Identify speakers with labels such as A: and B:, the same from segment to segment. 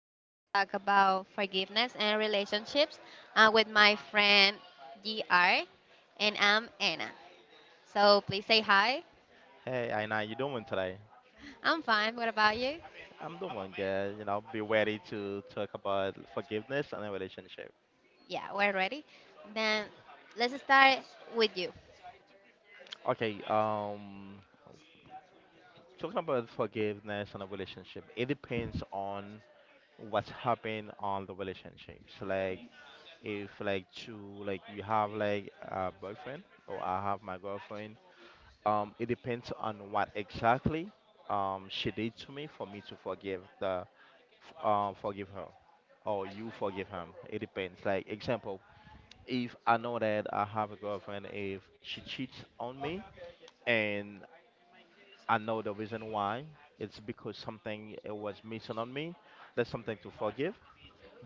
A: we're going to talk about forgiveness and relationships with my friend GR, and I'm Anna. So, please say hi.
B: Hey, Aina, you doing today?
A: I'm fine. What about you?
B: I'm doing good. You know, be ready to talk about forgiveness and a relationship.
A: Yeah, we're ready. Then let's start with you.
B: Okay, talking about forgiveness and a relationship, it depends on what's happened on the relationships. If like you have like a boyfriend or I have my girlfriend, it depends on what exactly she did to me for me to forgive her or you forgive him. It depends. Like example, if I know that I have a girlfriend, if she cheats on me, and I know the reason why, it's because something was missing on me. That's something to forgive.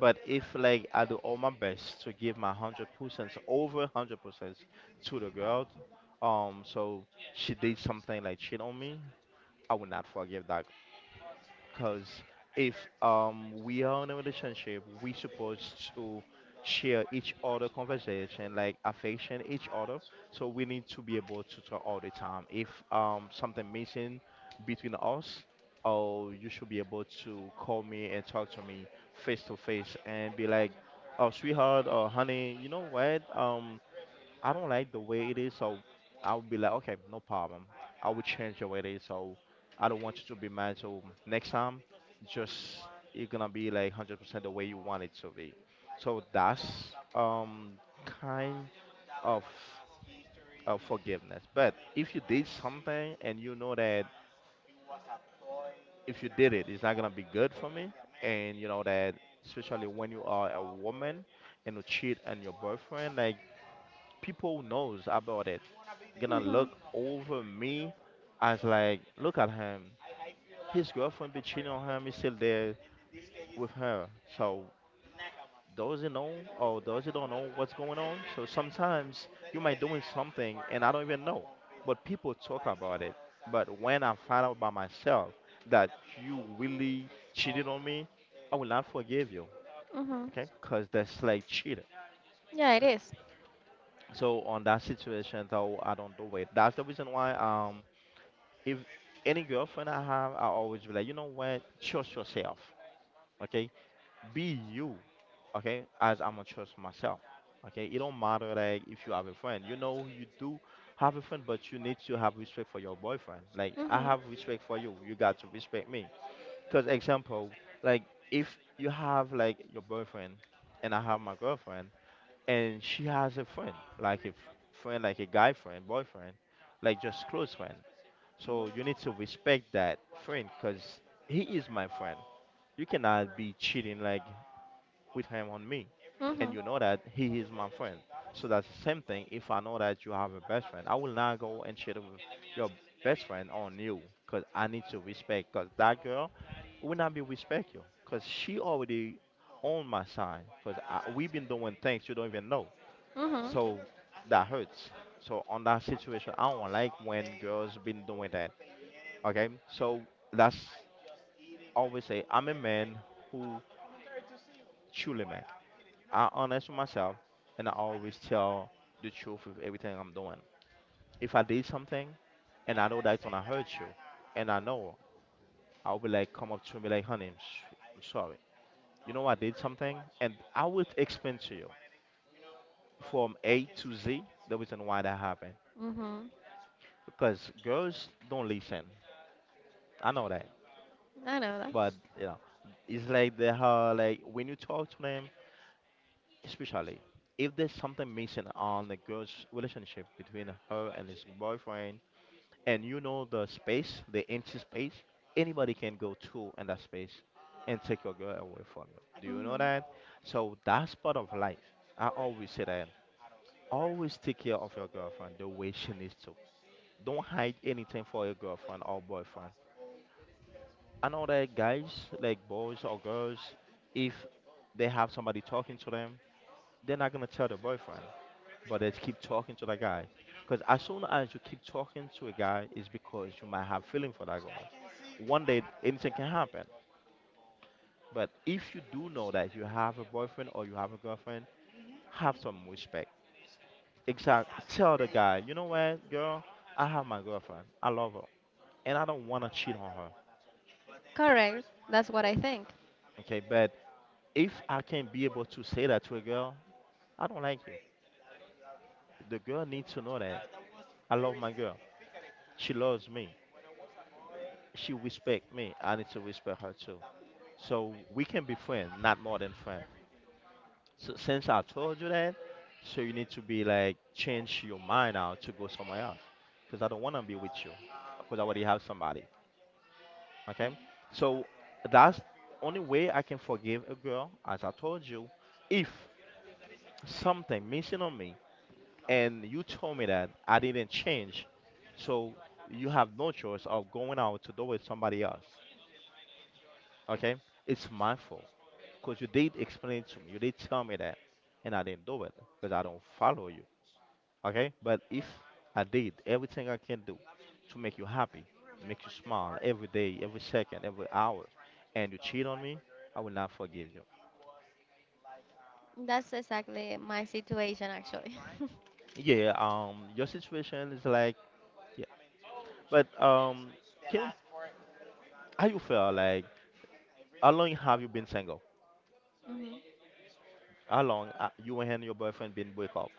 B: But if like I do all my best to give my 100%, over 100% to the girl, so she did something like cheat on me, I will not forgive that because if we are in a relationship, we supposed to share each other conversation, like affection each other. So we need to be able to talk all the time. If something missing between us, oh, you should be able to call me and talk to me face to face and be like, oh, sweetheart or honey, you know what? I don't like the way it is, so I'll be like, okay, no problem. I will change the way it is, so I don't want you to be mad. So next time, just you're gonna be like 100% the way you want it to be. So that's kind of of forgiveness. But if you did something and you know that if you did it, it's not gonna be good for me, and you know that, especially when you are a woman and you cheat on your boyfriend, like people knows about it, gonna look
A: Mhm.
B: over me as like, look at him, his girlfriend be cheating on him, he's still there with her. So does he know or does he don't know what's going on? So sometimes you might doing something and I don't even know, but people talk about it. But when I find out by myself that you really cheated on me, I will not forgive you.
A: Mhm.
B: Okay, because that's like cheating.
A: Yeah, it is.
B: So on that situation, though, I don't do it. That's the reason why if any girlfriend I have, I always be like, you know what? Trust yourself. Okay? Be you. Okay? As I'm gonna trust myself. Okay? It don't matter like if you have a friend. You know you do have a friend, but you need to have respect for your boyfriend. Like I
A: Mhm.
B: have respect for you. You got to respect me. Cause example, like if you have like your boyfriend and I have my girlfriend and she has a friend, like a f- friend, like a guy friend, boyfriend, like just close friend. So you need to respect that friend because he is my friend. You cannot be cheating like with him on me. And
A: Mhm.
B: you know that he is my friend. So that's the same thing. If I know that you have a best friend, I will not go and cheat with your best friend on you, because I need to respect, because that girl will not be respect you because she already on my side because we've been doing things you don't even know.
A: Mhm.
B: So that hurts. So on that situation, I don't like when girls been doing that. Okay, so that's always say I'm a man who truly man. I honest with myself, and I always tell the truth with everything I'm doing. If I did something, and I know that's gonna hurt you, and I know I'll be like come up to me like, honey, I'm sorry. You know I did something, and I will explain to you from A to Z the reason why that happened.
A: Mhm.
B: Because girls don't listen. I know that,
A: I know that.
B: but you know, it's like they are like when you talk to them, especially if there's something missing on the girl's relationship between her and his boyfriend, and you know the space, the empty space, anybody can go to in that space and take your girl away from you. Do you know
A: Mhm.
B: that? So that's part of life. I always say that, always take care of your girlfriend the way she needs to. Don't hide anything for your girlfriend or boyfriend. I know that guys, like boys or girls, if they have somebody talking to them, they're not gonna tell the boyfriend, but let's keep talking to that guy. Because as soon as you keep talking to a guy, it's because you might have feeling for that guy. One day anything can happen. But if you do know that you have a boyfriend or you have a girlfriend, have some respect. Exact. Tell the guy, you know what, girl, I have my girlfriend. I love her, and I don't want to cheat on her.
A: Correct. That's what I think.
B: Okay, but if I can not be able to say that to a girl, I don't like you. The girl needs to know that I love my girl. She loves me. She respect me. I need to respect her too. So we can be friend, not more than friend. So since I told you that, so you need to be like change your mind now to go somewhere else, because I don't want to be with you, because I already have somebody. Okay, so that's only way I can forgive a girl, as I told you, if something missing on me, and you told me that I didn't change, so you have no choice of going out to do with somebody else. Okay, it's my fault. Because you did explain to me, you did tell me that, and I didn't do it because I don't follow you. Okay? But if I did everything I can do to make you happy, make you smile every day, every second, every hour, and you cheat on me, I will not forgive you.
A: That's exactly my situation, actually.
B: Yeah, your situation is like, yeah. But can how you feel like? How long have you been single?
A: Hmm.
B: How long you and your boyfriend been break up?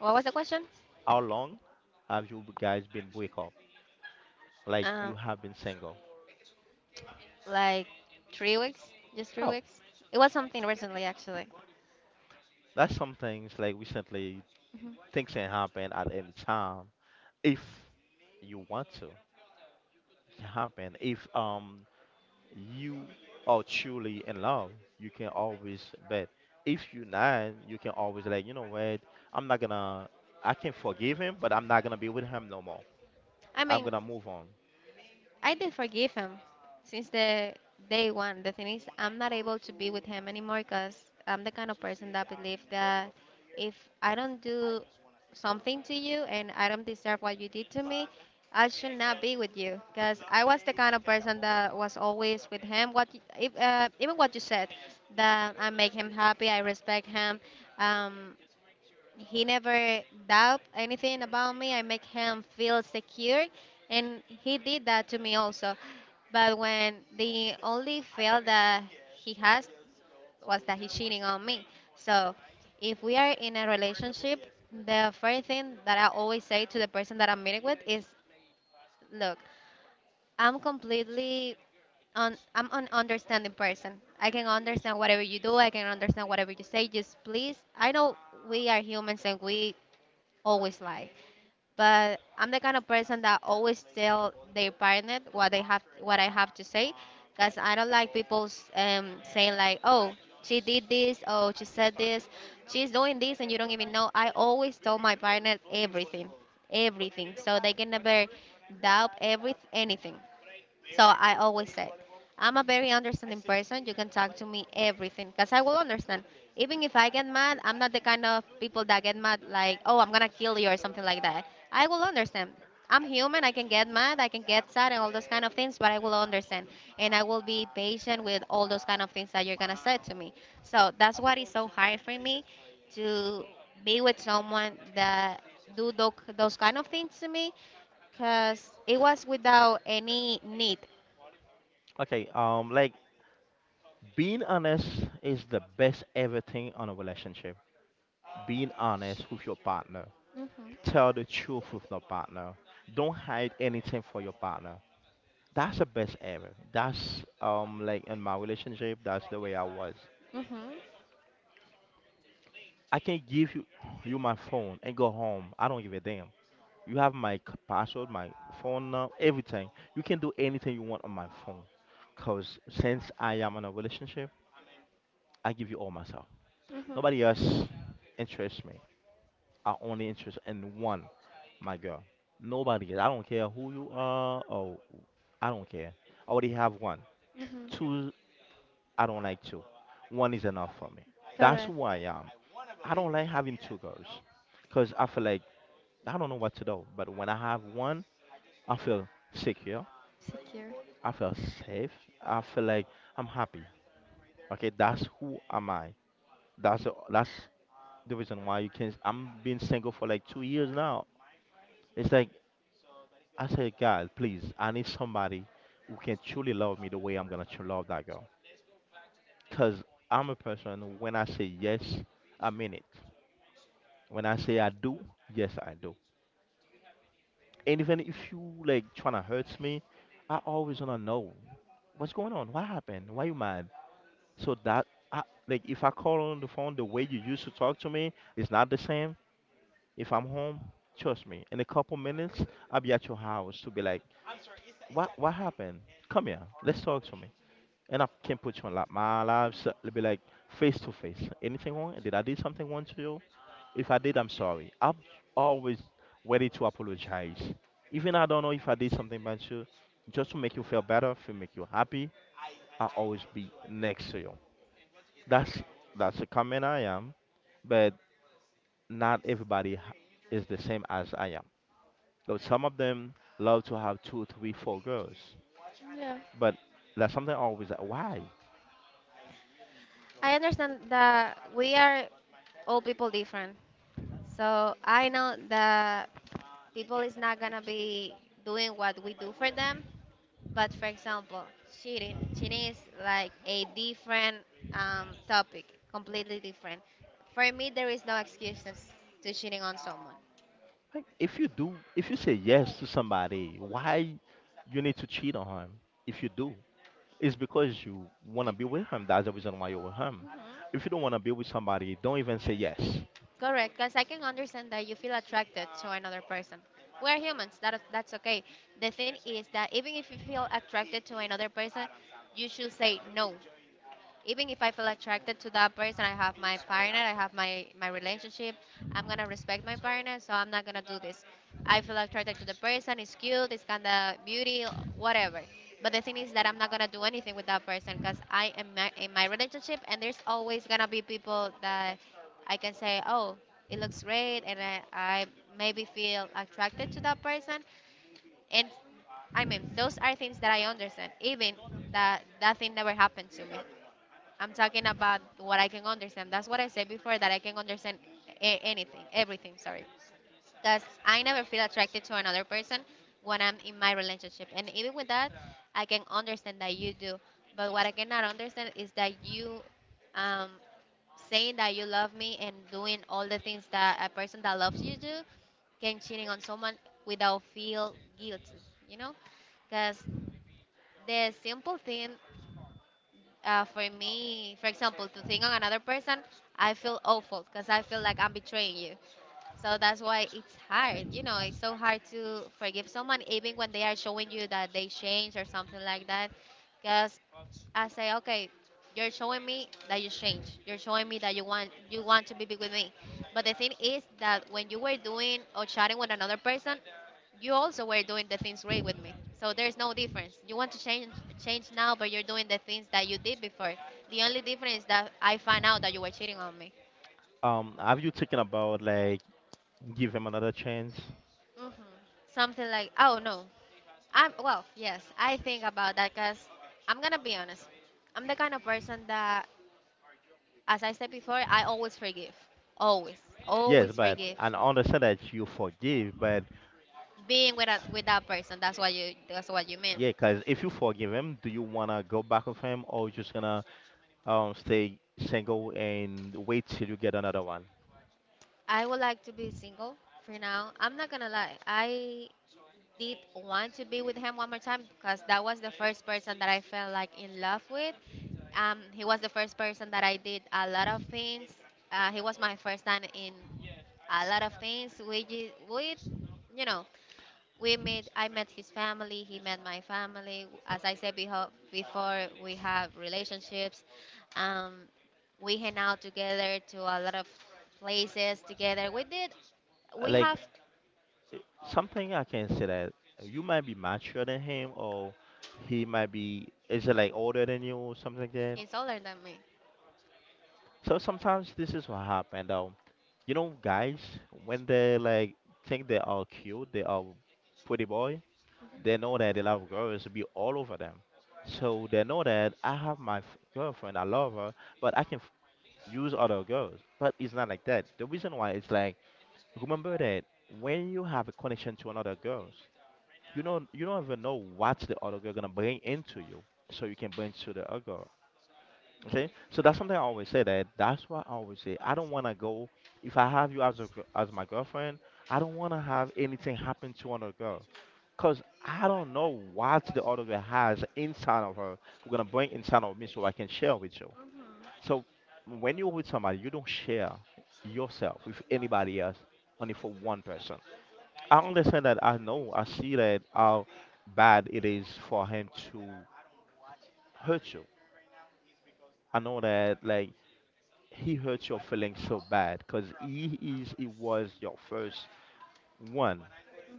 A: What was the question?
B: How long have you guys been break up? Like you
A: Um,
B: have been single?
A: like 3 weeks, just three
B: Oh,
A: weeks. It was something recently, actually.
B: that's some things like recently,
A: Hmm.
B: things can happen at any time if you want to. It can happen if you are truly in love. You can always bet. If you're not, you can always like, you know what? I'm not gonna. I can forgive him, but I'm not gonna be with him no more.
A: I
B: I'm
A: mean,
B: gonna move on.
A: I did forgive him since the day one. The thing is, I'm not able to be with him anymore because I'm the kind of person that believe that if I don't do something to you and I don't deserve what you did to me, I should not be with you. Because I was the kind of person that was always with him. If, even what you said, that I make him happy, I respect him. Um, he never doubt anything about me. I make him feel secure, and he did that to me also. But when the only fail that he has was that he's cheating on me. So if we are in a relationship, the first thing that I always say to the person that I'm meeting with is, look, I'm completely on I'm an understanding person. I can understand whatever you do, I can understand whatever you say, just please. I know we are humans and we always lie, but I'm the kind of person that always tell their partner what I have to say, because I don't like people saying like, oh, she did this, oh, she said this, she's doing this and you don't even know. I always tell my partner everything, everything, so they can never doubt every anything. So I always said, I'm a very understanding person. You can talk to me everything because I will understand. Even if I get mad, I'm not the kind of people that get mad like, oh, I'm gonna kill you or something like that. I will understand. I'm human. I can get mad. I can get sad and all those kind of things, but I will understand and I will be patient with all those kind of things that you're gonna say to me. So that's what is so hard for me to be with someone that do those kind of things to me, because it was without any need.
B: Okay. Like being honest is the best everything on a relationship. Being honest with your partner.
A: Mhm.
B: Tell the truth with your partner. Don't hide anything for your partner. That's the best ever. That's like in my relationship, that's the way I was.
A: Mhm.
B: I can give you my phone and go home. I don't give a damn. You have my password, my phone number, everything. You can do anything you want on my phone. Cause since I am in a relationship, I give you all myself.
A: Mhm.
B: Nobody else interests me. I only interest in one, my girl. Nobody else. I don't care who you are, or I don't care. I already have one.
A: Mhm.
B: Two, I don't like two. One is enough for me. That's
A: Correct.
B: who I am. I don't like having two girls because I feel like I don't know what to do. But when I have one, I feel secure.
A: Secure.
B: I feel safe. I feel like I'm happy. Okay, that's who am I. That's the reason why you can. I'm been single for like 2 years now. It's like I say, God, please, I need somebody who can truly love me the way I'm gonna love that girl. Cause I'm a person, when I say yes, I mean it. When I say I do, yes I do. And even if you like trying to hurt me, I always wanna know what's going on, what happened, why you mad. So that I like if I call on the phone, the way you used to talk to me is not the same. If I'm home, trust me, in a couple minutes I'll be at your house to be like, what happened? Come here, let's talk to me. And I can put you on like my lives. It'll be like face to face. Anything wrong? Did I do something wrong to you? If I did, I'm sorry. I'm always ready to apologize. Even I don't know if I did something bad to you, just to make you feel better, to make you happy, I'll always be next to you. That's that's the comment I am, but not everybody is the same as I am. Though some of them love to have two, three, four girls,
A: Yeah.
B: but that's something I always like, why?
A: I understand that we are all people different. So I know that people is not gonna be doing what we do for them. But for example, cheating. Cheating is like a different topic, completely different. For me, there is no excuses to cheating on someone.
B: Like if you do, if you say yes to somebody, why you need to cheat on him? If you do, it's because you want to be with him. That's the reason why you're with him.
A: You,
B: If you don't want to be with somebody, don't even say yes.
A: Correct, because I can understand that you feel attracted to another person. We're humans, that's okay. The thing is that even if you feel attracted to another person, you should say no, even if I feel attracted to that person, I have my partner, I have my relationship. I'm gonna respect my partner, so I'm not gonna do this. I feel attracted to the person. It's cute. It's kind of beauty, whatever. But the thing is that I'm not gonna do anything with that person because in my relationship, and there's always gonna be people that I can say, oh, it looks great, and I maybe feel attracted to that person, and I mean, those are things that I understand, even that that thing never happened to me. I'm talking about what I can understand. That's what I said before, that I can understand anything, everything, sorry. Because I never feel attracted to another person when I'm in my relationship. And even with that, I can understand that you do. But what I cannot understand is that you um, saying that you love me and doing all the things that a person that loves you do can cheating on someone without feel guilty, you know? Because the simple thing, for me, for example, to think on another person, I feel awful because I feel like I'm betraying you. So that's why it's hard. You know, it's so hard to forgive someone, even when they are showing you that they change or something like that. Because I say, okay, you're showing me that you change. You're showing me that you want to be big with me. But the thing is that when you were doing or chatting with another person, you also were doing the things great with me. So there's no difference. You want to change change now, but you're doing the things that you did before. The only difference is that I find out that you were cheating on me.
B: Have you taken about, like, give him another chance?
A: Hmm. Something like, oh no, yes, I think about that because I'm gonna be honest. I'm the kind of person that As I said before, I always forgive. Always,
B: Yes,
A: always
B: but
A: forgive.
B: and understand that you forgive, but
A: Being with that person, that's what you, that's what you mean.
B: yeah, cause if you forgive him, do you wanna go back with him, or you just gonna stay single and wait till you get another one?
A: I would like to be single for now. I'm not gonna lie. I did want to be with him one more time because that was the first person that I felt like in love with. He was the first person that I did a lot of things. He was my first time in a lot of things. We ju- with you know we met, I met his family, he met my family. As I said before, we have relationships, um, we hang out together to a lot of places together, we did we
B: Like,
A: have
B: eh, something I can say that you might be mature than him, or he might be, is it like older than you or something like that?
A: He's older than me.
B: So sometimes this is what happened. You know, guys, when they like think they are cute, they are pretty boy, they know that a lot of girls will be all over them. So they know that I have my girlfriend, I love her, but I can use other girls. But it's not like that. The reason why, it's like, remember that when you have a connection to another girls, you know, you don't even know what the other girl gonna bring into you. So you can bring to the other girl. Okay, so that's something I always say, that that's why I always say I don't want to go, if I have you as a as my girlfriend, I don't want to have anything happen to another girl, because I don't know what the other girl has inside of her. We're gonna bring inside of me, so I can share with you.
A: Mm-hmm.
B: So when you're with somebody, you don't share yourself with anybody else, only for one person. I understand that. I know. I see that how bad it is for him to hurt you. I know that, like, he hurts your feelings so bad because he is, he was your first one,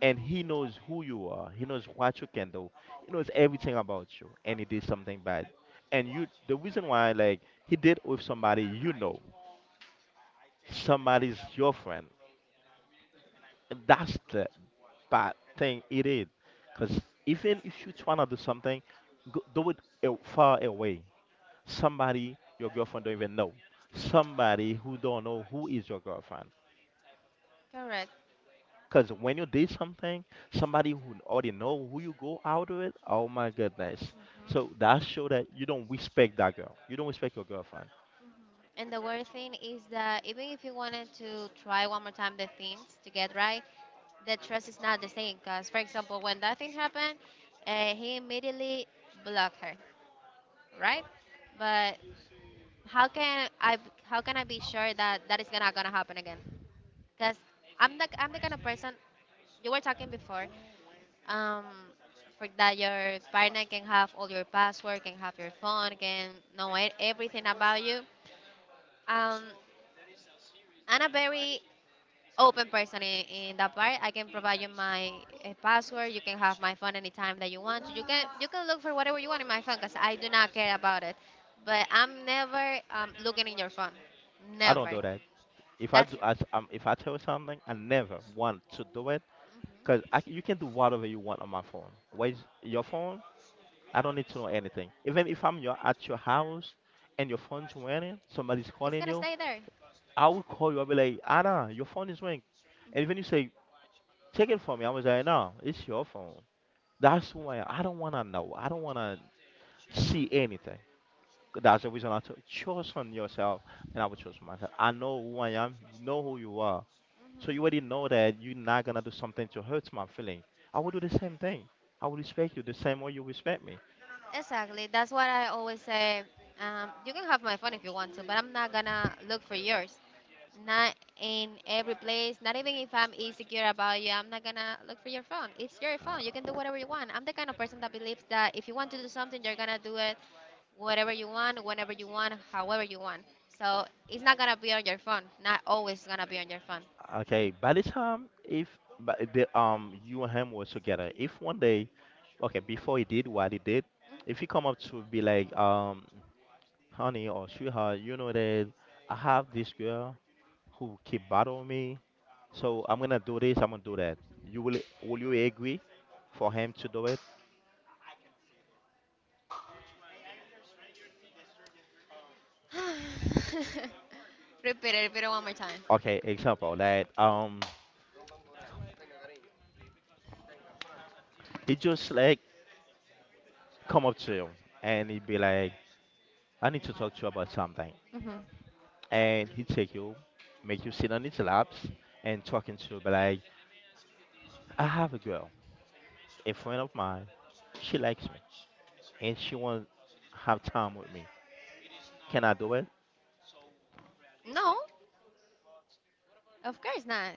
B: and he knows who you are, he knows what you can do, he knows everything about you, and he did something bad. And you, the reason why, like, he did with somebody, you know, somebody's your friend, and that's the bad thing it is. Because even if you try to do something, go, do it far away, somebody your girlfriend don't even know, somebody who don't know who is your girlfriend.
A: Correct.
B: Because when you did something, somebody who already know who you go out with, oh my goodness. So
A: Mhm.
B: that show that you don't respect that girl. You don't respect your girlfriend.
A: And the worst thing is that even if you wanted to try one more time the things to get right, the trust is not the same. Because, for example, when that thing happened, he immediately blocked her, right? But how can I how can I be sure that that is not gonna happen again? Because I'm the kind of person you were talking before. Um, for that your partner can have all your password, can have your phone, can know everything about you. Um, I'm a very open person in that part. I can provide you my password. You can have my phone anytime that you want. You can look for whatever you want in my phone because I do not care about it. But I'm never looking in your phone.
B: I don't
A: Never.
B: do that. If I
A: That's…
B: do, I, if I tell you something, I never want to do it. Cause I,
A: Mhm.
B: you can do whatever you want on my phone. Where's your phone? I don't need to know anything. Even if I'm your, at your house, and your phone's ringing, somebody's
A: It's
B: calling
A: gonna
B: you,
A: stay there. Mhm.
B: I will call you. I'll be like, Anna, your phone is ringing. And even you say, take it from me. I was like, no, it's your phone. That's why I don't wanna know. I don't wanna see anything. That's the reason I took choose on yourself, and I would choose myself. I know who I am. Know who you are. So you already
A: Mhm.
B: know that you're not gonna do something to hurt my feeling. I will do the same thing. I will respect you the same way you respect me.
A: Exactly. That's what I always say. You can have my phone if you want to, but I'm not gonna look for yours. Not in every place. Not even if I'm insecure about you, I'm not gonna look for your phone. It's your phone. You can
B: Uh,
A: do whatever you want. I'm the kind of person that believes that if you want to do something, you're gonna do it, whatever you want, whenever you want, however you want. So it's not gonna be on your phone. Not always gonna be on your phone.
B: okay. By the time if by the you and him were together, if one day, okay, before he did what he did, if he come up to be like, honey or sweetheart, you know that I have this girl who keep bothering me. So I'm gonna do this, I'm gonna do that. You will you agree for him to do it?
A: Repeat it. Repeat it one more time.
B: Okay, example, like, he just like come up to you and he'd be like, I need to talk to you about something,
A: Mhm.
B: and he take you, make you sit on his laps and talking to you, be like, I have a girl, a friend of mine, she likes me and she won't have time with me. Can I do it?
A: No, of course not.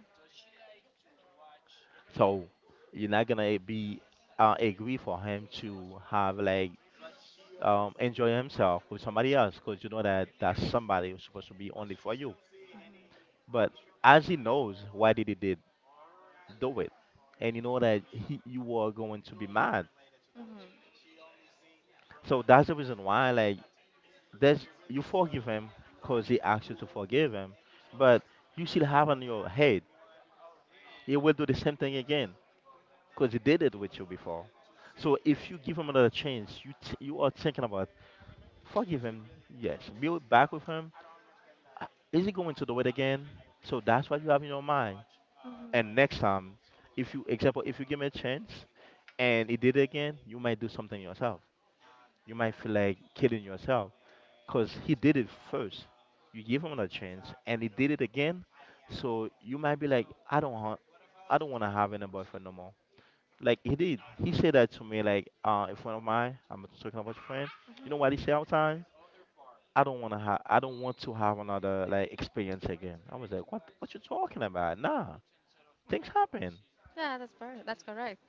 B: So you're not gonna be agree for him to have, like, enjoy himself with somebody else, because you know that that somebody is supposed to be only for you. But as he knows why did he did do it, and you know that he, you are going to be mad.
A: Mhm.
B: So that's the reason why, like, there's you forgive him because he asked you to forgive him, but you still have on your head he will do the same thing again, because he did it with you before. So if you give him another chance, you you are thinking about forgive him. Yes. Build back with him. "Ah, is he going to do it again?" So that's what you have in your mind. And
A: Mhm.
B: next time, if you, example, if you give him a chance and he did it again, you might do something yourself. You might feel like killing yourself. Cause he did it first. You give him a chance and he did it again. So you might be like, I don't want, I don't wanna have any boyfriend no more. Like he did. He said that to me, like, a friend of mine, I'm talking about your friend. You know what he said all the time? I don't wanna have, I don't want to have another like experience again. I was like, what you talking about? Nah, things happen.
A: Yeah, that's that's correct.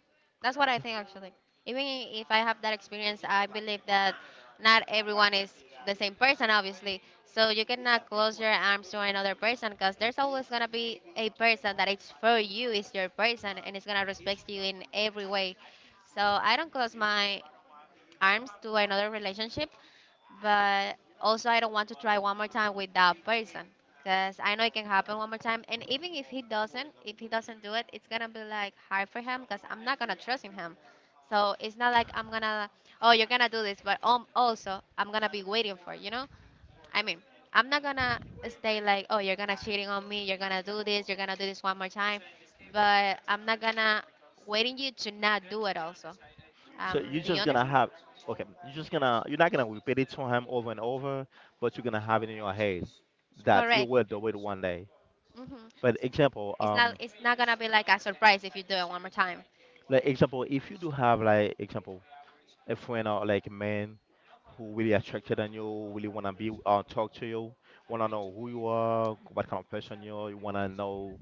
A: That's what I
B: Yeah.
A: think actually. Even if I have that experience, I believe that not everyone is the same person, obviously. So you cannot close your arms to another person because there's always gonna be a person that it's for you, is your person, and it's gonna respect you in every way. So I don't close my arms to another relationship, but also I don't want to try one more time with that person because I know it can happen one more time. And even if he doesn't do it, it's gonna be like hard for him because I'm not gonna trust in him. So it's not like I'm gonna, oh, you're gonna do this, but also I'm gonna be waiting for, you know? I mean, I'm not gonna stay like, oh, you're gonna cheating on me, you're gonna do this, you're gonna do this one more time, but I'm not gonna waiting you to not do it also.
B: So you're
A: Do you
B: just gonna
A: understand?
B: have, okay, you're just gonna, you're not gonna repeat it to him over and over, but you're gonna have it in your head that it
A: Correct.
B: will do it one day.
A: Hmm.
B: But example,
A: It's not. It's not gonna be like a surprise if you do it one more time.
B: like example, if you do have, like, example, a friend or like a man who really attracted on you, really wanna be, talk to you, wanna know who you are, what kind of person you are, you wanna know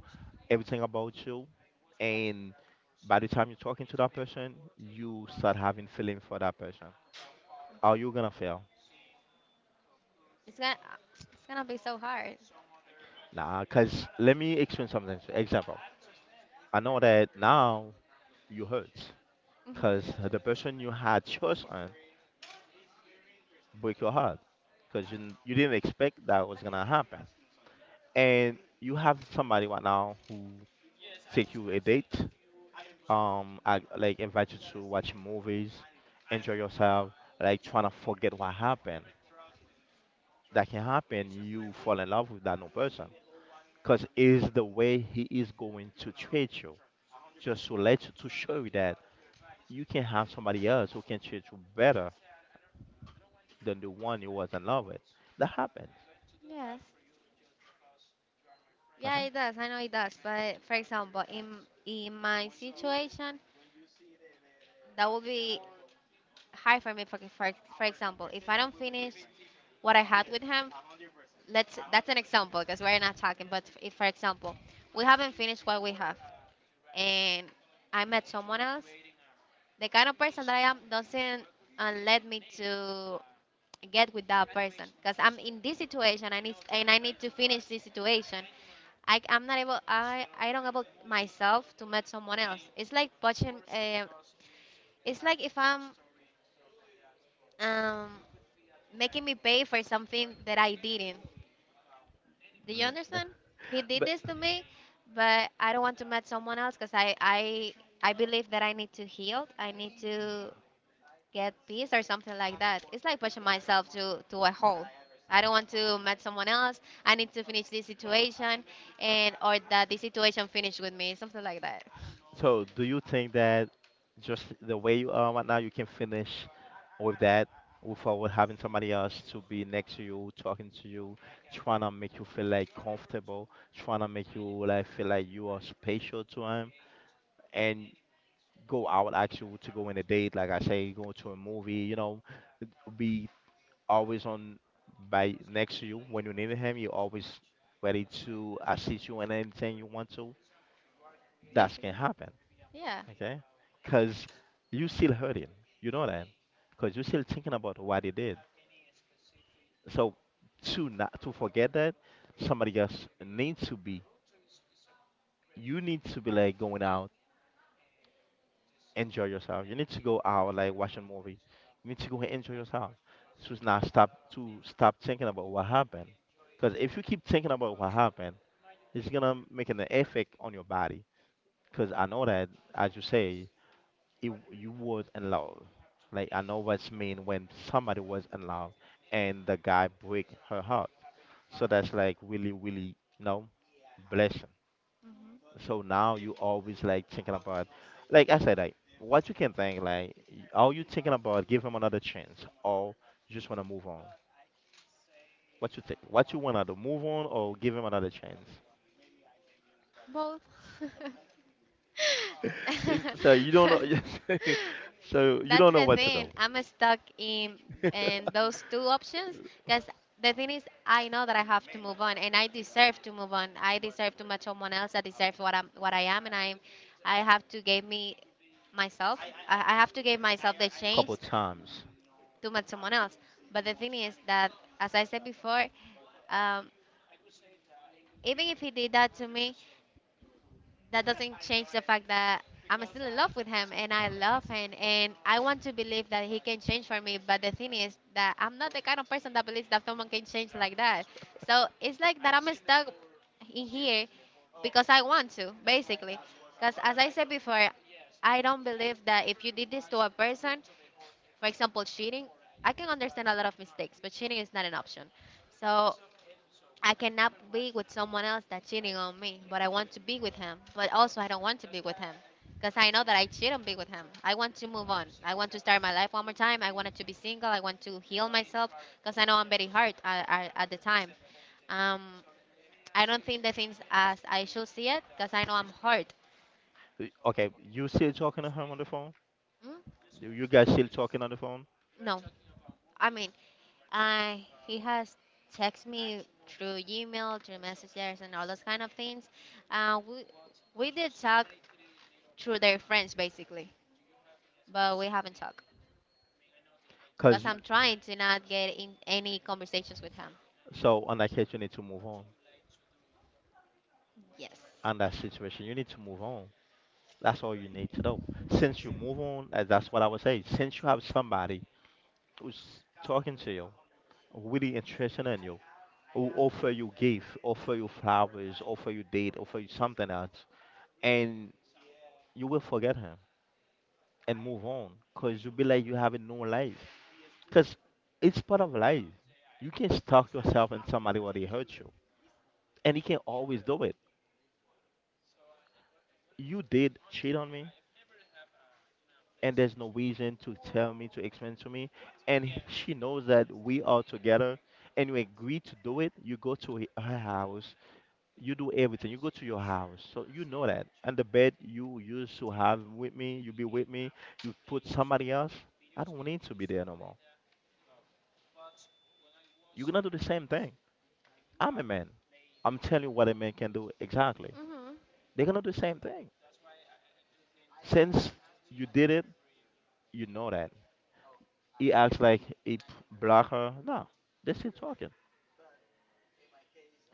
B: everything about you, and by the time you're talking to that person, you start having feeling for that person. Are you gonna fail?
A: It's gonna. It's gonna be so hard.
B: Nah, cause let me explain something. So, example, I know that now you hurt,
A: Hmm.
B: cause the person you had trust on break your heart, cause you didn't expect that was gonna happen, and you have somebody right now who take you a date, I, like, invite you to watch movies, enjoy yourself, like trying to forget what happened. That can happen. You fall in love with that new person, cause is the way he is going to treat you. Just to let you, to show you that you can have somebody else who can treat you better than the one you was in love with. That happens.
A: Yes. Yeah,
B: uh
A: it does. I know it does. But for example, in my situation, that would be hard for me. For example, if I don't finish what I had with him, let's. That's an example because we're not talking. But if, for example, we haven't finished what we have, and I met someone else, the kind of person that I am doesn't let me to get with that person because I'm in this situation. I need to finish this situation. I'm not able. I don't able myself to meet someone else. It's like watching. It's like if I'm um making me pay for something that I didn't. Do you
B: Mm.
A: understand? He did
B: But
A: this to me, but I don't want to meet someone else because I believe that I need to heal. I need to get peace or something like that. It's like pushing myself to a hole. I don't want to meet someone else. I need to finish this situation and or that this situation finish with me, something like that.
B: so, do you think that just the way you are right now, you can finish with that without having somebody else to be next to you, talking to you, trying to make you feel like comfortable, trying to make you like feel like you are special to him, and go out actually, to go on a date, like I say, go to a movie, you know, be always on, by next to you when you need him, you're always ready to assist you in anything you want to, that can
A: Basically.
B: happen.
A: Yeah.
B: Okay, because you still hurting, you know that, because you're still thinking about what he did. So to not to forget that, somebody else needs to be. You need to be like going out, enjoy yourself. You need to go out, like watch a movie. You need to go and enjoy yourself. To not stop, to stop thinking about what happened. Because if you keep thinking about what happened, it's gonna make an effect on your body. Because I know that, as you say, it, you was in love. Like I know what's mean when somebody was in love and the guy break her heart. So that's like really, really, you know, blessing.
A: Hmm.
B: So now you always like thinking about, like I said, like what you can think, like are you thinking about give him another chance, or you just want to move on? What you think? What you want, to move on or give him another chance?
A: Both.
B: It's- so you don't know. Yes. So you
A: That's
B: don't know
A: the
B: what to
A: thing.
B: do.
A: I'm stuck in those two options because the thing is, I know that I have to move on, and I deserve to move on. I deserve to match someone else. I deserve what I am, and I have to give me myself. I have to give myself the
B: Couple
A: chance
B: times.
A: to match someone else. But the thing is that, as I said before, um, even if he did that to me, that doesn't change the fact that I'm still in love with him and I love him and I want to believe that he can change for me. But the thing is that I'm not the kind of person that believes that someone can change like that. So it's like that I'm stuck in here because I want to, basically. Because as I said before, I don't believe that if you did this to a person, for example, cheating, I can understand a lot of mistakes, but cheating is not an option. So I cannot be with someone else that's cheating on me, but I want to be with him. But also, I don't want to be with him because I know that I cheat and be with him. I want to move on. I want to start my life one more time. I wanted to be single. I want to heal myself because I know I'm very hurt at the time. Um, I don't think the things as I should see it because I know I'm hurt.
B: Okay, you still talking to him on the phone?
A: Mm?
B: You guys still talking on the phone?
A: No, I mean, I he has text me through email, through messages, and all those kind of things. Uh, we we did talk through their friends basically. But we haven't talked
B: Cause
A: because
B: you-
A: I'm trying to not get in any conversations with him.
B: so on that case, you need to move on.
A: Yes.
B: On that situation, you need to move on. That's all you need to know. Since you move on, that's what I would say. Since you have somebody who's talking to you, really interested in you, who offer you gift, offer you flowers, offer you date, offer you something else, and you will forget him and move on, cause you'll be like you have a new life, cause it's part of life. You can stuck yourself in somebody where they hurt you, and you can always do it. You did cheat on me, and there's no reason to tell me, to explain to me. And she knows that we are together, and you agree to do it. You go to her house, you do everything, you go to your house. So you know that, and the bed you used to have with me, you be with me, you put somebody else. I don't need to be there no more. You're gonna do the same thing. I'm a man. I'm telling you what a man can do, exactly.
A: Hmm.
B: They're gonna do the same thing. Since you did it, you know that. He acts like it, blocked her. No, they're still talking.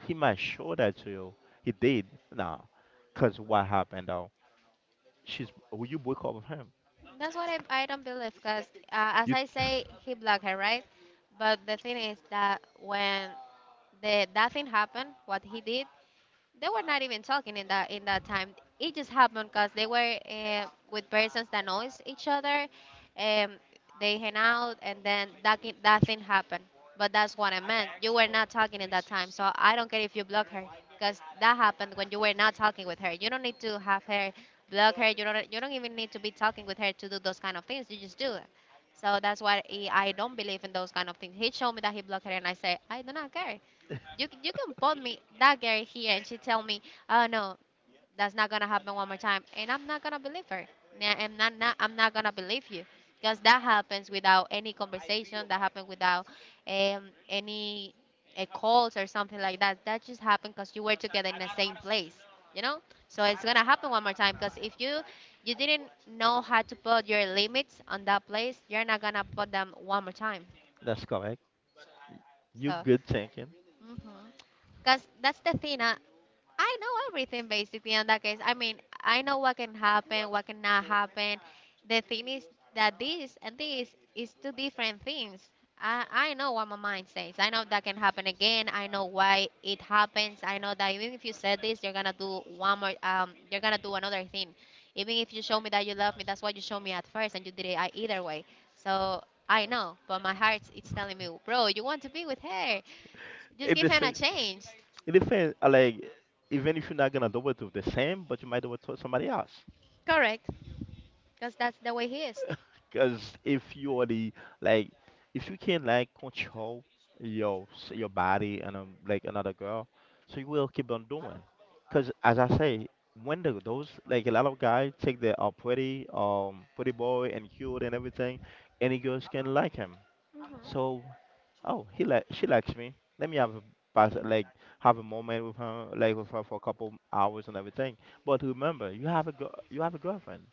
B: He might show that to you. He did. Nah. Because what happened though? She's, well, you broke up with him.
A: That's what I don't believe because, as
B: You...
A: I say, he blocked her, right? But the thing is that when the that thing happened, what he did, they were not even talking in that time. It just happened because they were with persons that knows each other, and they hang out, and then that thing happened. But that's what I meant. You were not talking in that time, so I don't care if you block her, because that happened when you were not talking with her. You don't need to have her block her. You don't even need to be talking with her to do those kind of things. You just do it. So that's why I don't believe in those kind of things. He showed me that he blocked her, and I say I do not care. You can put me that girl here and she tell me, oh no, that's not gonna happen one more time, and I'm not gonna believe her. Nah, I'm not gonna believe you because that happens without any conversation, that happened without um, any calls or something like that, that just happened because you were together in the same place you know so it's gonna happen one more time because if you didn't know how to put your limits on that place, you're not gonna put them one more time.
B: That's correct. You
A: So,
B: good thinking.
A: hmm because that's the thing. I know everything basically in that case. I mean, I know what can happen, what cannot happen. The thing is that this and this is two different things. I know what my mind says. I know that can happen again. I know why it happens. I know that even if you said this, you're gonna do one more. You're gonna do another thing. Even if you show me that you love me, that's what you showed me at first, and you did it, either way. So I know, but my heart it's telling me, bro, you want to be with her. Just
B: It
A: give
B: the
A: him a
B: same,
A: change.
B: it depends like, even if you're not gonna do it with the same, but you might do it to somebody else.
A: Correct, because that's the way he is.
B: Cause if you are the, like, if you can like control your your body and like another girl, so you will keep on doing. Cause as I say, when the, those like a lot of guys think they are pretty, pretty boy and cute and everything, any girls can like him.
A: Hmm.
B: So, oh, he li she likes me. Let me have a pass, like have a moment with her, like with her for a couple hours and everything. But remember, you have a girl, you have a girlfriend.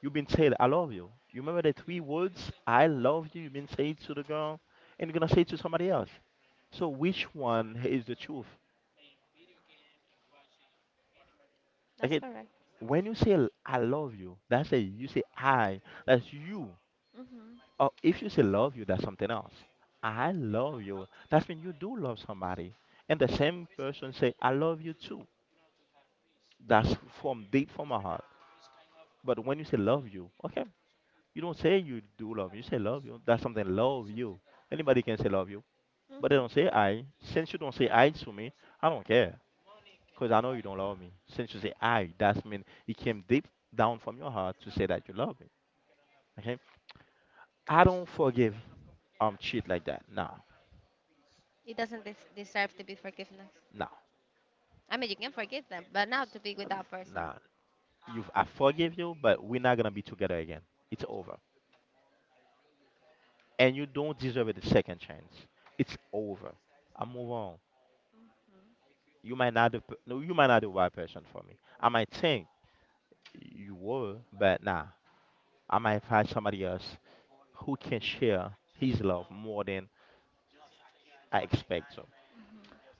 B: You've been said, "I love you." You remember the three words, "I love you." You've been said to the girl, and you're gonna say it to somebody else. So which one is the truth? Like
A: That's
B: it,
A: correct.
B: when you say "I love you," that's a, you say "I." That's you.
A: Hmm.
B: Oh, if you say love you, that's something else. I love you. That's when you do love somebody. And the same person say, I love you too. That's from deep from my heart. But when you say love you, okay, you don't say you do love me. You say love you. That's something, love you. Anybody can say love you. But they don't
A: Hmm.
B: say I. Since you don't say I to me, I don't care. Because I know you don't love me. Since you say I, that's mean it came deep down from your heart to say that you love me. Okay? I don't forgive cheat like that. Nah,
A: It doesn't deserve to be forgiveness.
B: no,
A: I mean, you can forgive them, but not to be with that person.
B: no. You've I forgive you, but we're not gonna be together again. It's over. And you don't deserve it a second chance. It's over. I move on. You might not the pe- No, you might not the right person for me. I might think you were, but nah. I might find somebody else who can share his love more than I expect. So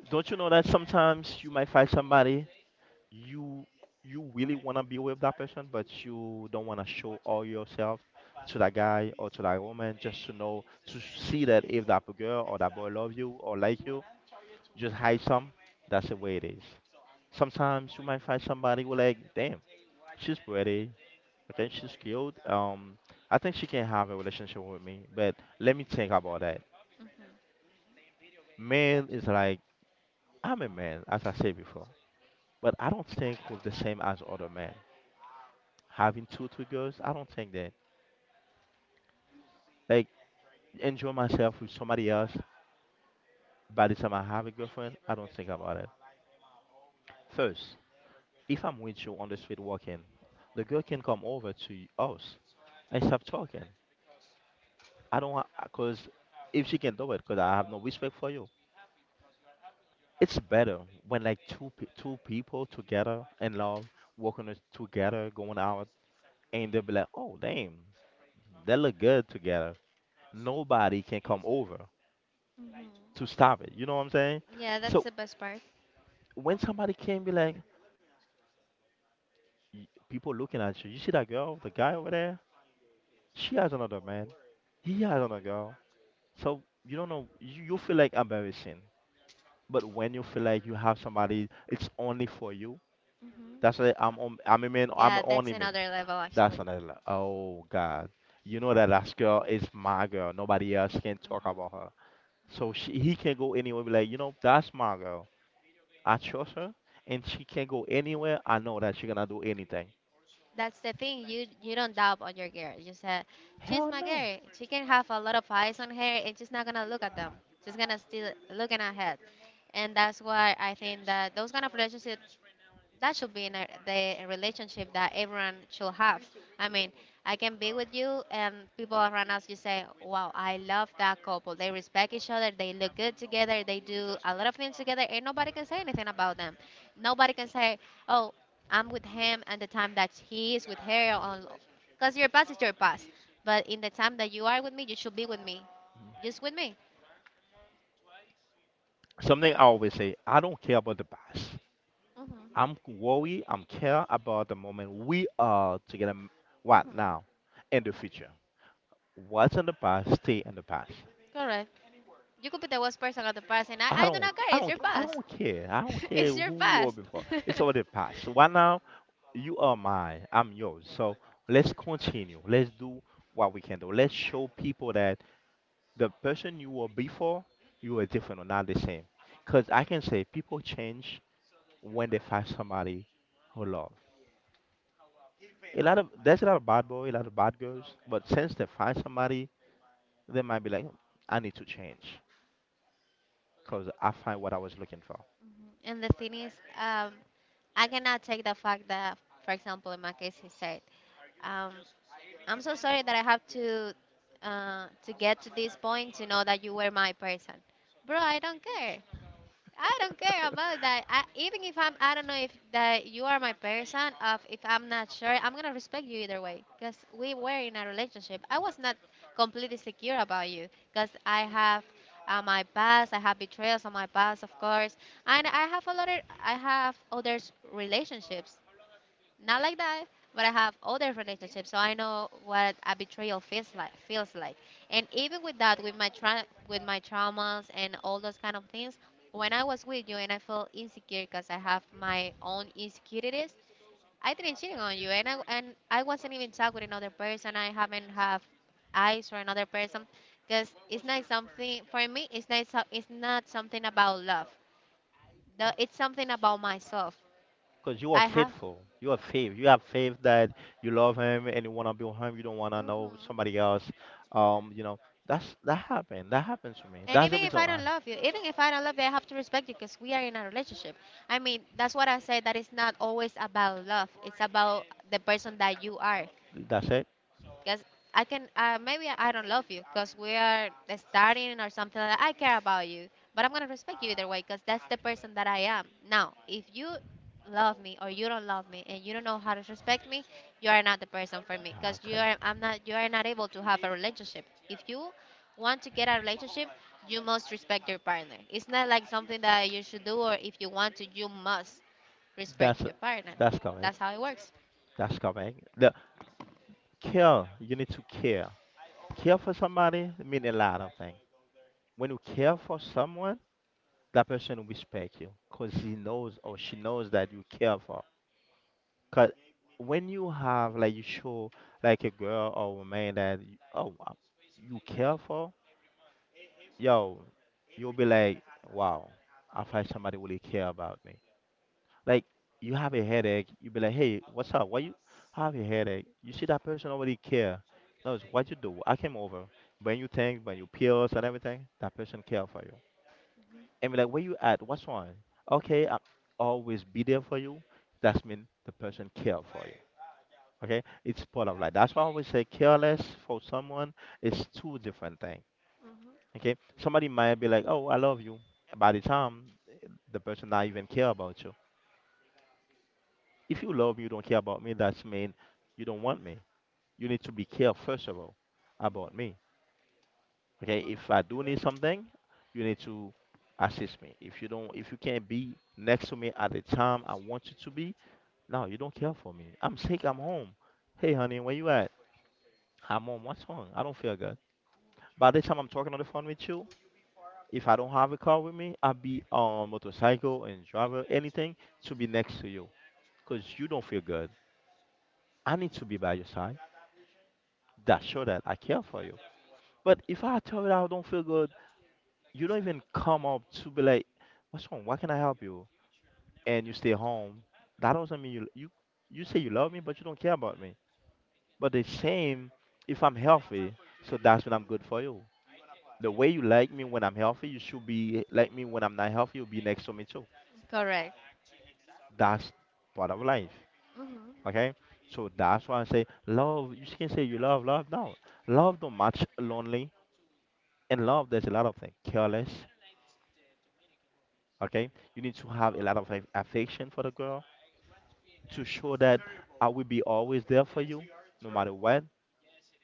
B: don't you know that sometimes you might find somebody, you you really want to be with that person, but you don't want to show all yourself to that guy or to that woman, just to know, to see that if that girl or that boy love you or like you. Just hide some, that's the way it is. Sometimes you might find somebody who, like, damn, she's pretty. Okay, she's cute, I think she can have a relationship with me, but let me think about that.
A: Hmm.
B: Man is like, I'm a man, as I said before, but I don't think with the same as other men, having two three girls. I don't think that. Like, enjoy myself with somebody else. By the time I have a girlfriend, I don't think about it. First, if I'm with you on the street walking, the girl can come over to us and stop talking. I don't want, because if she can do it, because I have no respect for you. It's better when, like, two people together in love, walking it together, going out, and they'll be like, oh damn, they look good together. Nobody can come over
A: Hmm.
B: to stop it. You know what I'm saying?
A: Yeah, that's
B: So
A: the best part.
B: when somebody can be like, people looking at you. You see that girl, the guy over there? She has another man. He has another girl. So you don't know. You feel like embarrassing. But when you feel like you have somebody, it's only for you. That's
A: Hmm.
B: why I'm a man. I'm
A: Yeah, that's
B: only man.
A: another level
B: That's
A: actually.
B: another. Oh God. You know that last girl is my girl. Nobody else can talk
A: Hmm.
B: about her. So he can go anywhere. Be like, you know, that's my girl. I trust her, and she can go anywhere. I know that she gonna do anything.
A: That's the thing. You don't doubt on your girl. You said she's
B: Hell
A: my
B: no.
A: girl. She can have a lot of eyes on her, and she's not gonna look at them. She's gonna still looking ahead, and that's why I think that those kind of relationships, that should be the relationship that everyone should have. I mean, I can be with you, and people around us just say, "Wow, I love that couple. They respect each other. They look good together. They do a lot of things together, and nobody can say anything about them." Nobody can say, "Oh, I'm with him," and the time that he is with her, because your past is your past. But in the time that you are with me, you should be with me, just with me.
B: Something I always say, I don't care about the past.
A: Hmm.
B: I'm care about the moment we are together right
A: Hmm.
B: now, and the future. What's in the past, stay in the past.
A: Correct. You could be the worst person of the past, and I, I do not care. It's your
B: I
A: past.
B: don't care. I don't care
A: it's your
B: who you were
A: past.
B: before. It's already past. Right now, you are mine. I'm yours. So let's continue. Let's do what we can do. Let's show people that the person you were before, you are different or not the same. Cause I can say people change when they find somebody who love. A lot of There's a lot of bad boy, a lot of bad girls, but since they find somebody, they might be like, I need to change because I find what I was looking for.
A: And the thing is, um, I cannot take the fact that, for example, in my case, he said, um, "I'm so sorry that I have to get to this point to know that you were my person." Bro, I don't care. I don't care about that. I don't know if that you are my person. Of if I'm not sure, I'm gonna respect you either way. Cause we were in a relationship. I was not completely secure about you. Cause I have my past. I have betrayals on my past, of course, and I have a lot. I have other relationships. Not like that, but I have other relationships, so I know what a betrayal feels like. And even with that, with my traumas and all those kind of things, when I was with you and I felt insecure because I have my own insecurities, I didn't cheating on you, and I wasn't even talking with another person. I haven't have eyes for another person, because it's not something for me. It's not something about love. It's something about myself.
B: Because you are
A: I have.
B: faithful, you are faith, you have faith that you love him and you want to be with him. You don't want to know
A: Hmm.
B: somebody else. You know, that's, that happened. That happened to me.
A: And
B: That's the
A: even if
B: reason
A: I
B: why.
A: don't love you, even if I don't love you, I have to respect you because we are in a relationship. I mean, that's what I say. That it's not always about love. It's about the person that you are.
B: That's it.
A: Because I can, maybe I don't love you because we are starting or something like that. I care about you, but I'm going to respect you either way because that's the person that I am. Now, if you love me or you don't love me and you don't know how to respect me, you are not the person for me
B: Nah,
A: because
B: 'cause
A: you are not able to have a relationship. If you want to get a relationship, you must respect your partner. It's not like something that you should do or if you want to, you must
B: that's
A: respect your partner.
B: that's correct.
A: That's how it works.
B: That's coming. The care, you need to care. Care for somebody mean a lot of things. When you care for someone, that person will respect you because he knows or she knows that you care for. Because when you have, like, you show like a girl or a man that you, oh wow, you care for, yo, you'll be like, wow, I find somebody really care about me. Like, you have a headache, you be like, hey, what's up? Why you have a headache? You see that person already care. No, it's what you do. I came over. When you think, when you pills and everything, that person care for you. And be like, where you at? What's wrong? Okay, I always be there for you. That's mean the person care for you. Okay, it's part of life. That's why I always say careless for someone is two different thing.
A: Hmm.
B: Okay, somebody might be like, oh, I love you. By the time the person not even care about you. If you love me, you don't care about me, that's mean you don't want me. You need to be care first of all about me. Okay, if I do need something, you need to assist me. If you don't, if you can't be next to me at the time I want you to be, no, you don't care for me. I'm sick, I'm home. Hey honey, where you at? I'm home. What's wrong? I don't feel good. By the time I'm talking on the phone with you, if I don't have a car with me, I'll be on motorcycle and drive anything to be next to you because you don't feel good. I need to be by your side. That show that I care for you. But if I tell you that I don't feel good, you don't even come up to be like, "What's wrong? Why can I help you?" And you stay home. That doesn't mean you, you you say you love me, but you don't care about me. But the same, if I'm healthy, so that's when I'm good for you. The way you like me when I'm healthy, you should be like me when I'm not healthy. You'll be next to me too.
A: Correct.
B: That's part of life.
A: Mm-hmm.
B: Okay. So that's why I say love. You can say you love love. No, love don't match lonely, and love there's a lot of things. Careless, okay, you need to have a lot of affection for the girl to show that I will be always there for you, no matter what.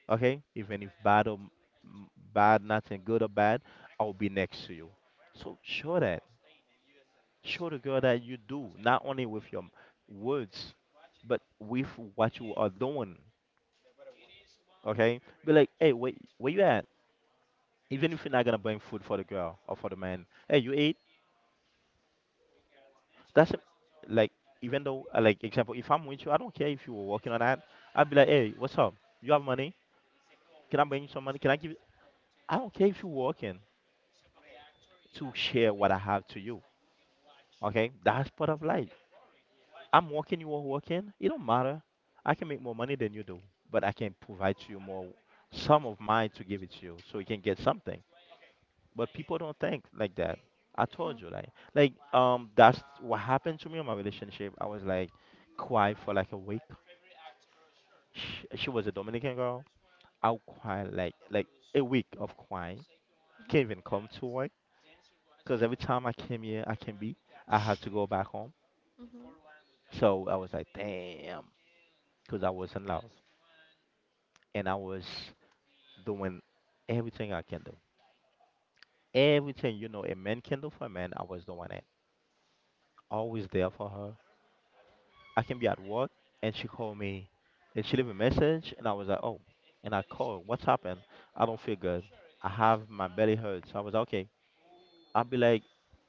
B: Okay, even if bad or m- bad nothing good or bad, I'll be next to you. So show that, show the girl that you do, not only with your words, but with what you are doing. Okay, be like, "Hey, wait, where you at?" Even if you're not gonna bring food for the girl or for the man, "Hey, you ate?" That's like, even though like example, if I'm with you, I don't care if you were working or not. I'd be like, "Hey, what's up? You have money? Can I bring you some money? Can I give you?" I don't care if you're working, to share what I have to you. Okay, that's part of life. I'm working, you are working. It don't matter. I can make more money than you do, but I can provide to you more, some of mine to give it to you, so you can get something. But people don't think like that. I told you, that's what happened to me in my relationship. I was like quiet for like a week. She was a Dominican girl. I'll cry like a week of crying. Can't even come to work, because every time I came here, I can be. I have to go back home.
A: Mhm.
B: So I was like, damn, because I was in love and I was doing everything I can do. Everything, you know, a man can do for a man, I was doing it. Always there for her. I can be at work and she called me and she leave a message and I was like, oh, and I call, "What's happened?" "I don't feel good. I have my belly hurts." I was like, okay. I'll be like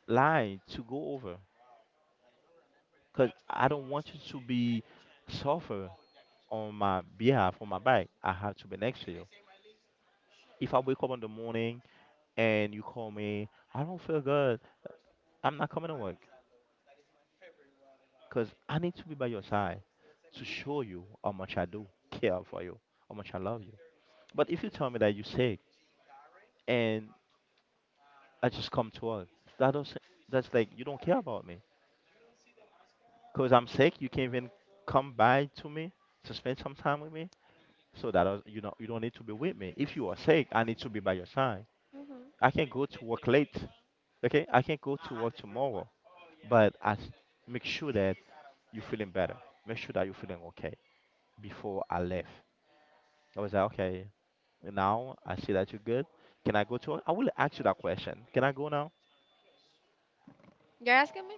B: lying to go over, cause I don't want you to be suffer on my behalf, on my back. I have to be next to you. If I wake up in the morning and you call me, "I don't feel good," I'm not coming to work, cause I need to be by your side to show you how much I do care for you, how much I love you. But if you tell me that you're sick and I just come to work, that doesn't, that's like you don't care about me, cause I'm sick. You can't even come by to me to spend some time with me. So that is. You don't need to be with me. If you are sick, I need to be by your side. I can go to work late. Okay, I can go to work tomorrow, but I make sure that you're feeling better. Make sure that you're feeling okay before I left. I was like, okay, now I see that you're good. "Can I go to work?" I will ask you that question. "Can I go now?"
A: You're asking me?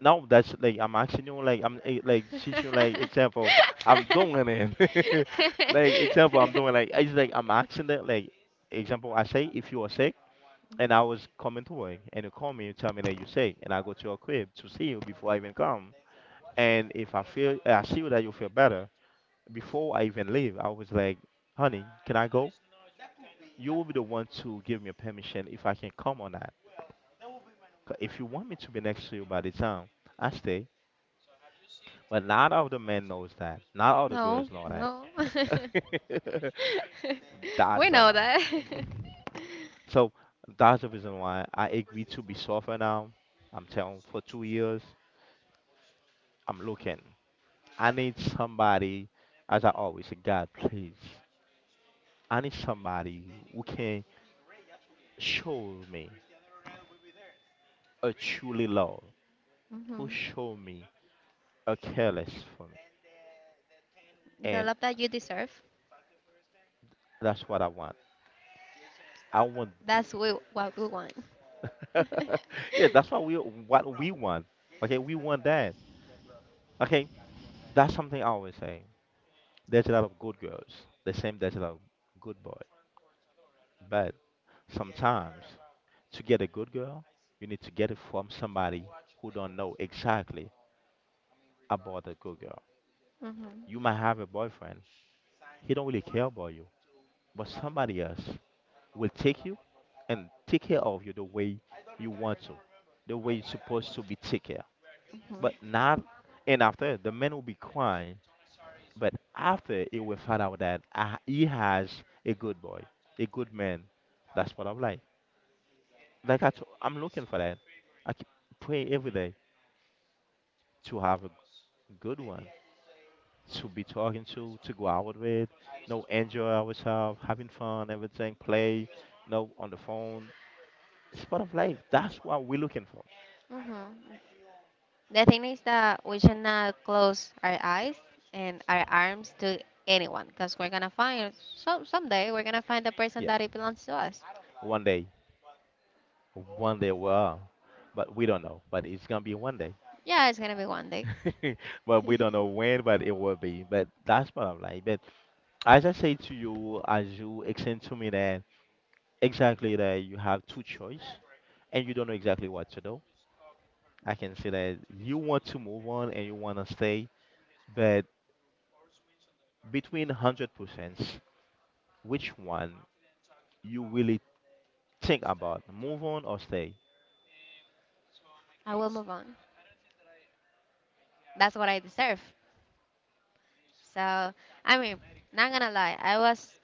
B: Now that's like I'm asking you, like I'm like teaching you, like example. I'm doing it. Like example, I'm doing like, it's like I'm asking that, like example. I say if you are sick and I was coming to work, and you call me and tell me that you sick, and I go to your crib to see you before I even come. And if I feel, I see that you feel better before I even leave, I was like, "Honey, can I go?" You will be the one to give me a permission if I can come or not. 'Cause if you want me to be next to you, by the time I stay, but not all the men knows that. Not all the
A: no,
B: girls know
A: no.
B: that.
A: we
B: That's
A: know
B: all.
A: that.
B: So that's the reason why I agree to be sober now. I'm telling for 2 years. I'm looking. I need somebody, as I always say, God, please. I need somebody who can show me a truly love, who
A: hmm.
B: show me a careless for me,
A: The
B: and
A: love that you deserve,
B: that's what I want. I want,
A: that's what we want.
B: yeah, that's what we want. Okay, we want that. Okay, that's something I always say. There's a lot of good girls. The same, there's a lot of good boy, but sometimes to get a good girl, you need to get it from somebody who don't know exactly about a good girl.
A: hmm.
B: You might have a boyfriend. He don't really care about you, but somebody else will take you and take care of you the way you want to, the way you're supposed to be take care. But
A: Hmm.
B: not, and after the man will be crying. But after it will find out that he has a good boy, a good man. That's what I'm like. I'm looking for that. I keep praying every day to have a good one, to be talking to go out with, you know, enjoy ourselves, having fun, everything, play, you know, on the phone. It's part of life. That's what we're looking for.
A: Hmm. The thing is that we should not close our eyes and our arms to anyone because we're gonna find so someday we're gonna find the person
B: Yeah.
A: that it belongs to us.
B: One day. One day we are. But we don't know. But it's gonna be one
A: Yeah, it's gonna be one day.
B: day. But we don't know when, but it will be. But that's part of life. But as I say to you, as you explain to me that exactly that you have two choice and you don't know exactly what to do, I can say that you want to move on and you want to stay, but between 100%, which one you really think about, move on or stay?
A: I will move on. That's what I deserve. So, I mean, not gonna lie, I was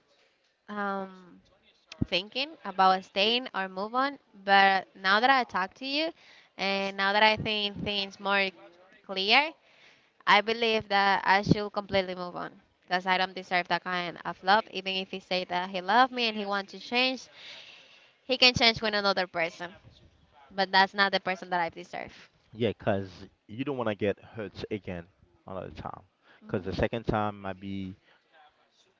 A: um, thinking about staying or move on, but now that I talk to you and now that I think things more clear, I believe that I should completely move on because I don't deserve that kind of love. Even if he say that he loved me and he wants to change, he can change with another person, but that's not the person that I deserve.
B: Yeah, because you don't want to get hurt again another time. Because the
A: Mhm.
B: second time might be,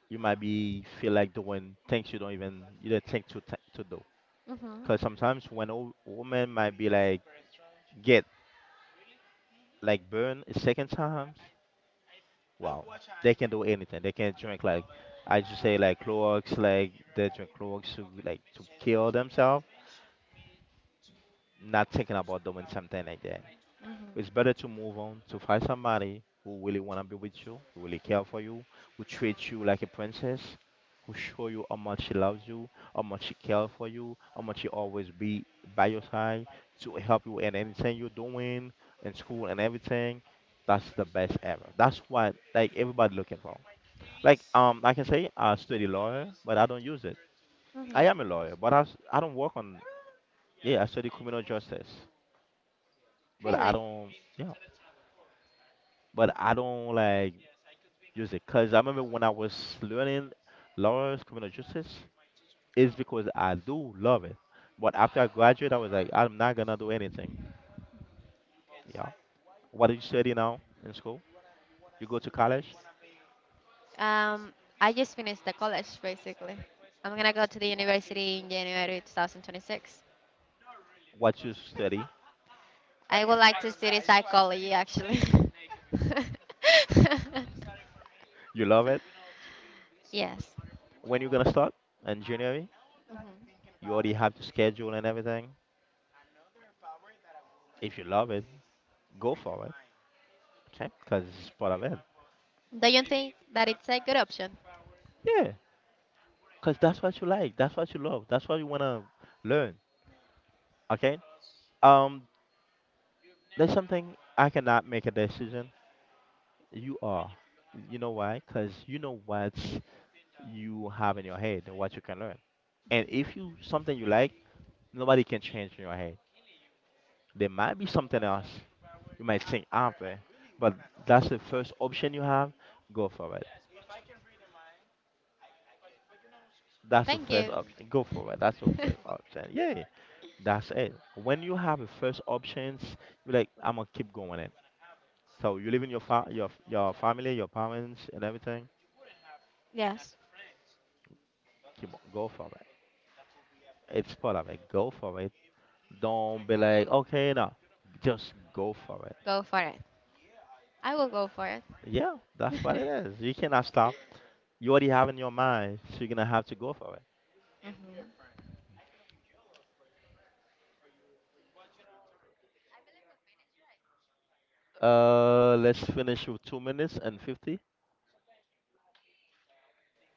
B: you might be feel like doing things you don't even, you don't think to do.
A: Mhm.
B: Because sometimes when a woman might be like get like burned a second times, wow, they can do anything. They can drink like, I just say, like Clorox, like they drink Clorox to like to kill themselves, not thinking about doing something like that. It's
A: Mhm.
B: better to move on, to find somebody who really want to be with you, who really care for you, who treats you like a princess, who show you how much she loves you, how much she cares for you, how much she always be by your side to help you in anything you're doing, in school and everything. That's the best ever. That's what like everybody looking for. I can say I study lawyer, but I don't use it.
A: Mhm.
B: I am a lawyer, but I I don't work on, yeah. I study criminal justice. But I
A: Really?
B: don't, yeah, but I don't like use it. Cause I remember when I was learning laws, criminal justice, it's because I do love it. But after I graduate, I was like, I'm not gonna do anything. Yeah. What do you study now in school? You go to college.
A: Um, I just finished the college basically. I'm gonna go to the university in January 2026.
B: What you study?
A: I would like to study psychology actually.
B: You love it.
A: yes.
B: When you gonna start engineering? You already
A: Mhm.
B: have the schedule and everything. If you love it, go for it. Okay, cause it's part of it.
A: Do you think that it's a good option?
B: Yeah, cause that's what you like. That's what you love. That's what you wanna learn. Okay. Um, That's something I cannot make a decision. You are. You know why? Because you know what you have in your head and what you can learn. And if you something you like, nobody can change in your head. There might be something else you might think after, but that's the first option you have. Go for it. That's the
A: Thank
B: first
A: you.
B: option. Go for it. That's the first option. Yeah, that's it. When you have the first options, you're like, I'm gonna keep going it. So you live in your your family, your parents, and everything.
A: Yes.
B: Keep on, go for it. It's part of it. Go for it. Don't be like, okay, no, just go for it.
A: Go for it. I will go for it.
B: Yeah, that's what it is. You cannot stop. You already have in your mind, so you're gonna have to go for it.
A: Mhm.
B: Let's finish with 2 minutes and 50.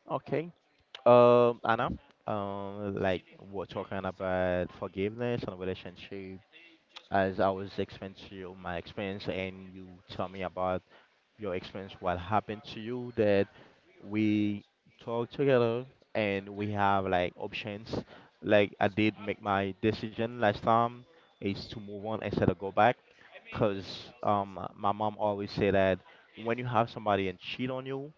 B: Okay. Anna, like we're talking about forgiveness and relationship. As I was explaining to you my experience, and you tell me about your experience, what happened to you, that we talk together and we have like options. Like I did make my decision last time is to move on instead of go back, cause my mom always say that when you have somebody and cheat on you,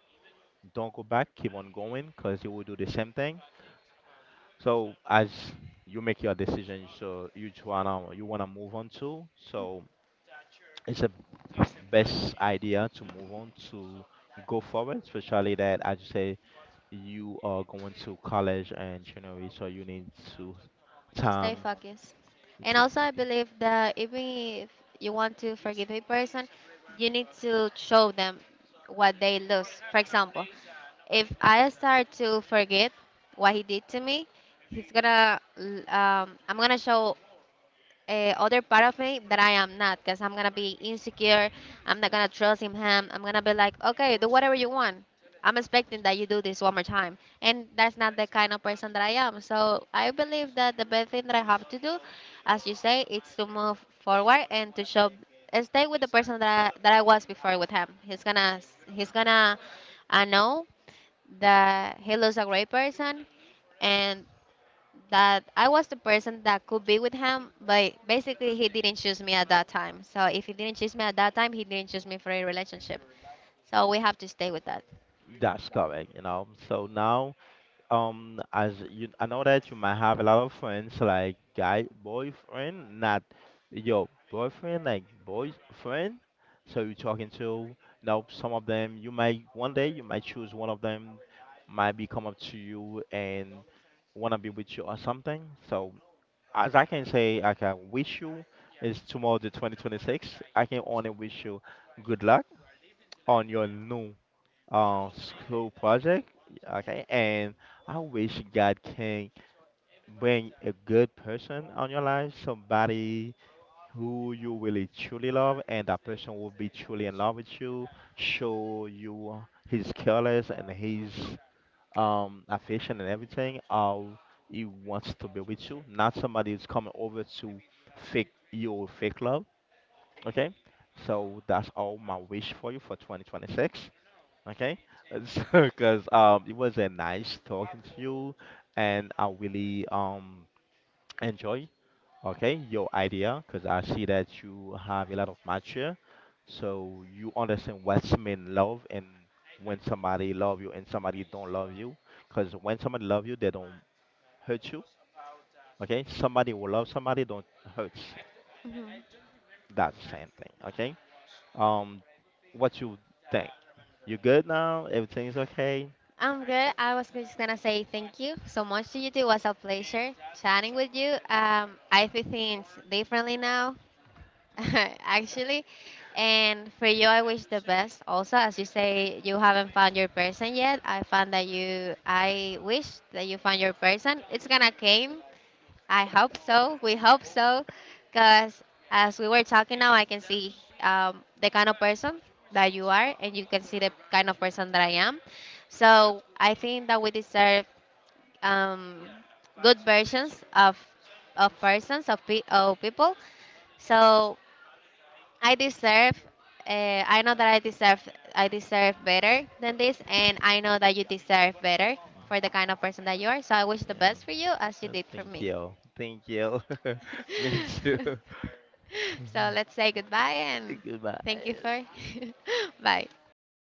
B: don't go back, keep on going, cause they will do the same thing. So as you make your decision, so you wanna move on to, so it's a best idea to move on, to go forward, especially that as you say you are going to college and January, so you need to
A: To stay
B: time
A: focused. And
B: to
A: also, I
B: fucking.
A: believe that even if you want to forgive a person, you need to show them what they lose. For example, if I start to forget what he did to me, he's gonna, I'm gonna show other part of me that I am not, because I'm gonna be insecure. I'm not gonna trust in him. I'm gonna be like, okay, do whatever you want. I'm expecting that you do this one more time, and that's not the kind of person that I am. So I believe that the best thing that I have to do, as you say, is to move forward and to show, and stay with the person that I was before with him. He's gonna know that he was a great person, and that I was the person that could be with him, but basically he didn't choose me at that time. So if he didn't choose me at that time, he didn't choose me for a relationship. So we have to stay with that.
B: That's correct, you know. So now as you, I know that you might have a lot of friends, like guy boyfriend, not your boyfriend, like boyfriend. So you're talking to now, some of them, you might one day you might choose one of them, might be come up to you and wanna be with you or something. So as I can say, I can wish you is tomorrow the 2026. I can only wish you good luck on your new school project, okay, and I wish God can bring a good person on your life, somebody who you really truly love, and that person will be truly in love with you, show you his careless and his affection and everything, how he wants to be with you, not somebody who's coming over to fake you with fake love. Okay, so that's all my wish for you for 2026. Okay, so because it was a nice talking to you, and I really enjoy, okay, your idea, because I see that you have a lot of mature, so you understand what's mean love, and when somebody love you and somebody don't love you, because when somebody love you they don't hurt you. Okay, somebody who love somebody don't hurt
A: Mhm.
B: that same thing. Okay, um, what you think? You good now? Everything's okay?
A: I'm good. I was just gonna say thank you so much to you two. It was a pleasure chatting with you. I feel things differently now, actually. And for you, I wish the best. Also, as you say, you haven't found your person yet. I found that you. I wish that you found your person. It's gonna came. I hope so. We hope so, because as we were talking now, I can see the kind of person that you are, and you can see the kind of person that I am. So I think that we deserve um, good versions of persons of people. So I deserve. I know that I deserve. I deserve better than this, and I know that you deserve better for the kind of person that you are. So I wish the
B: Yeah.
A: best for you, as you
B: Well,
A: did for
B: thank
A: me.
B: you. Thank you. Me too.
A: so let's say goodbye and
B: Goodbye.
A: thank you for bye.
B: Bye.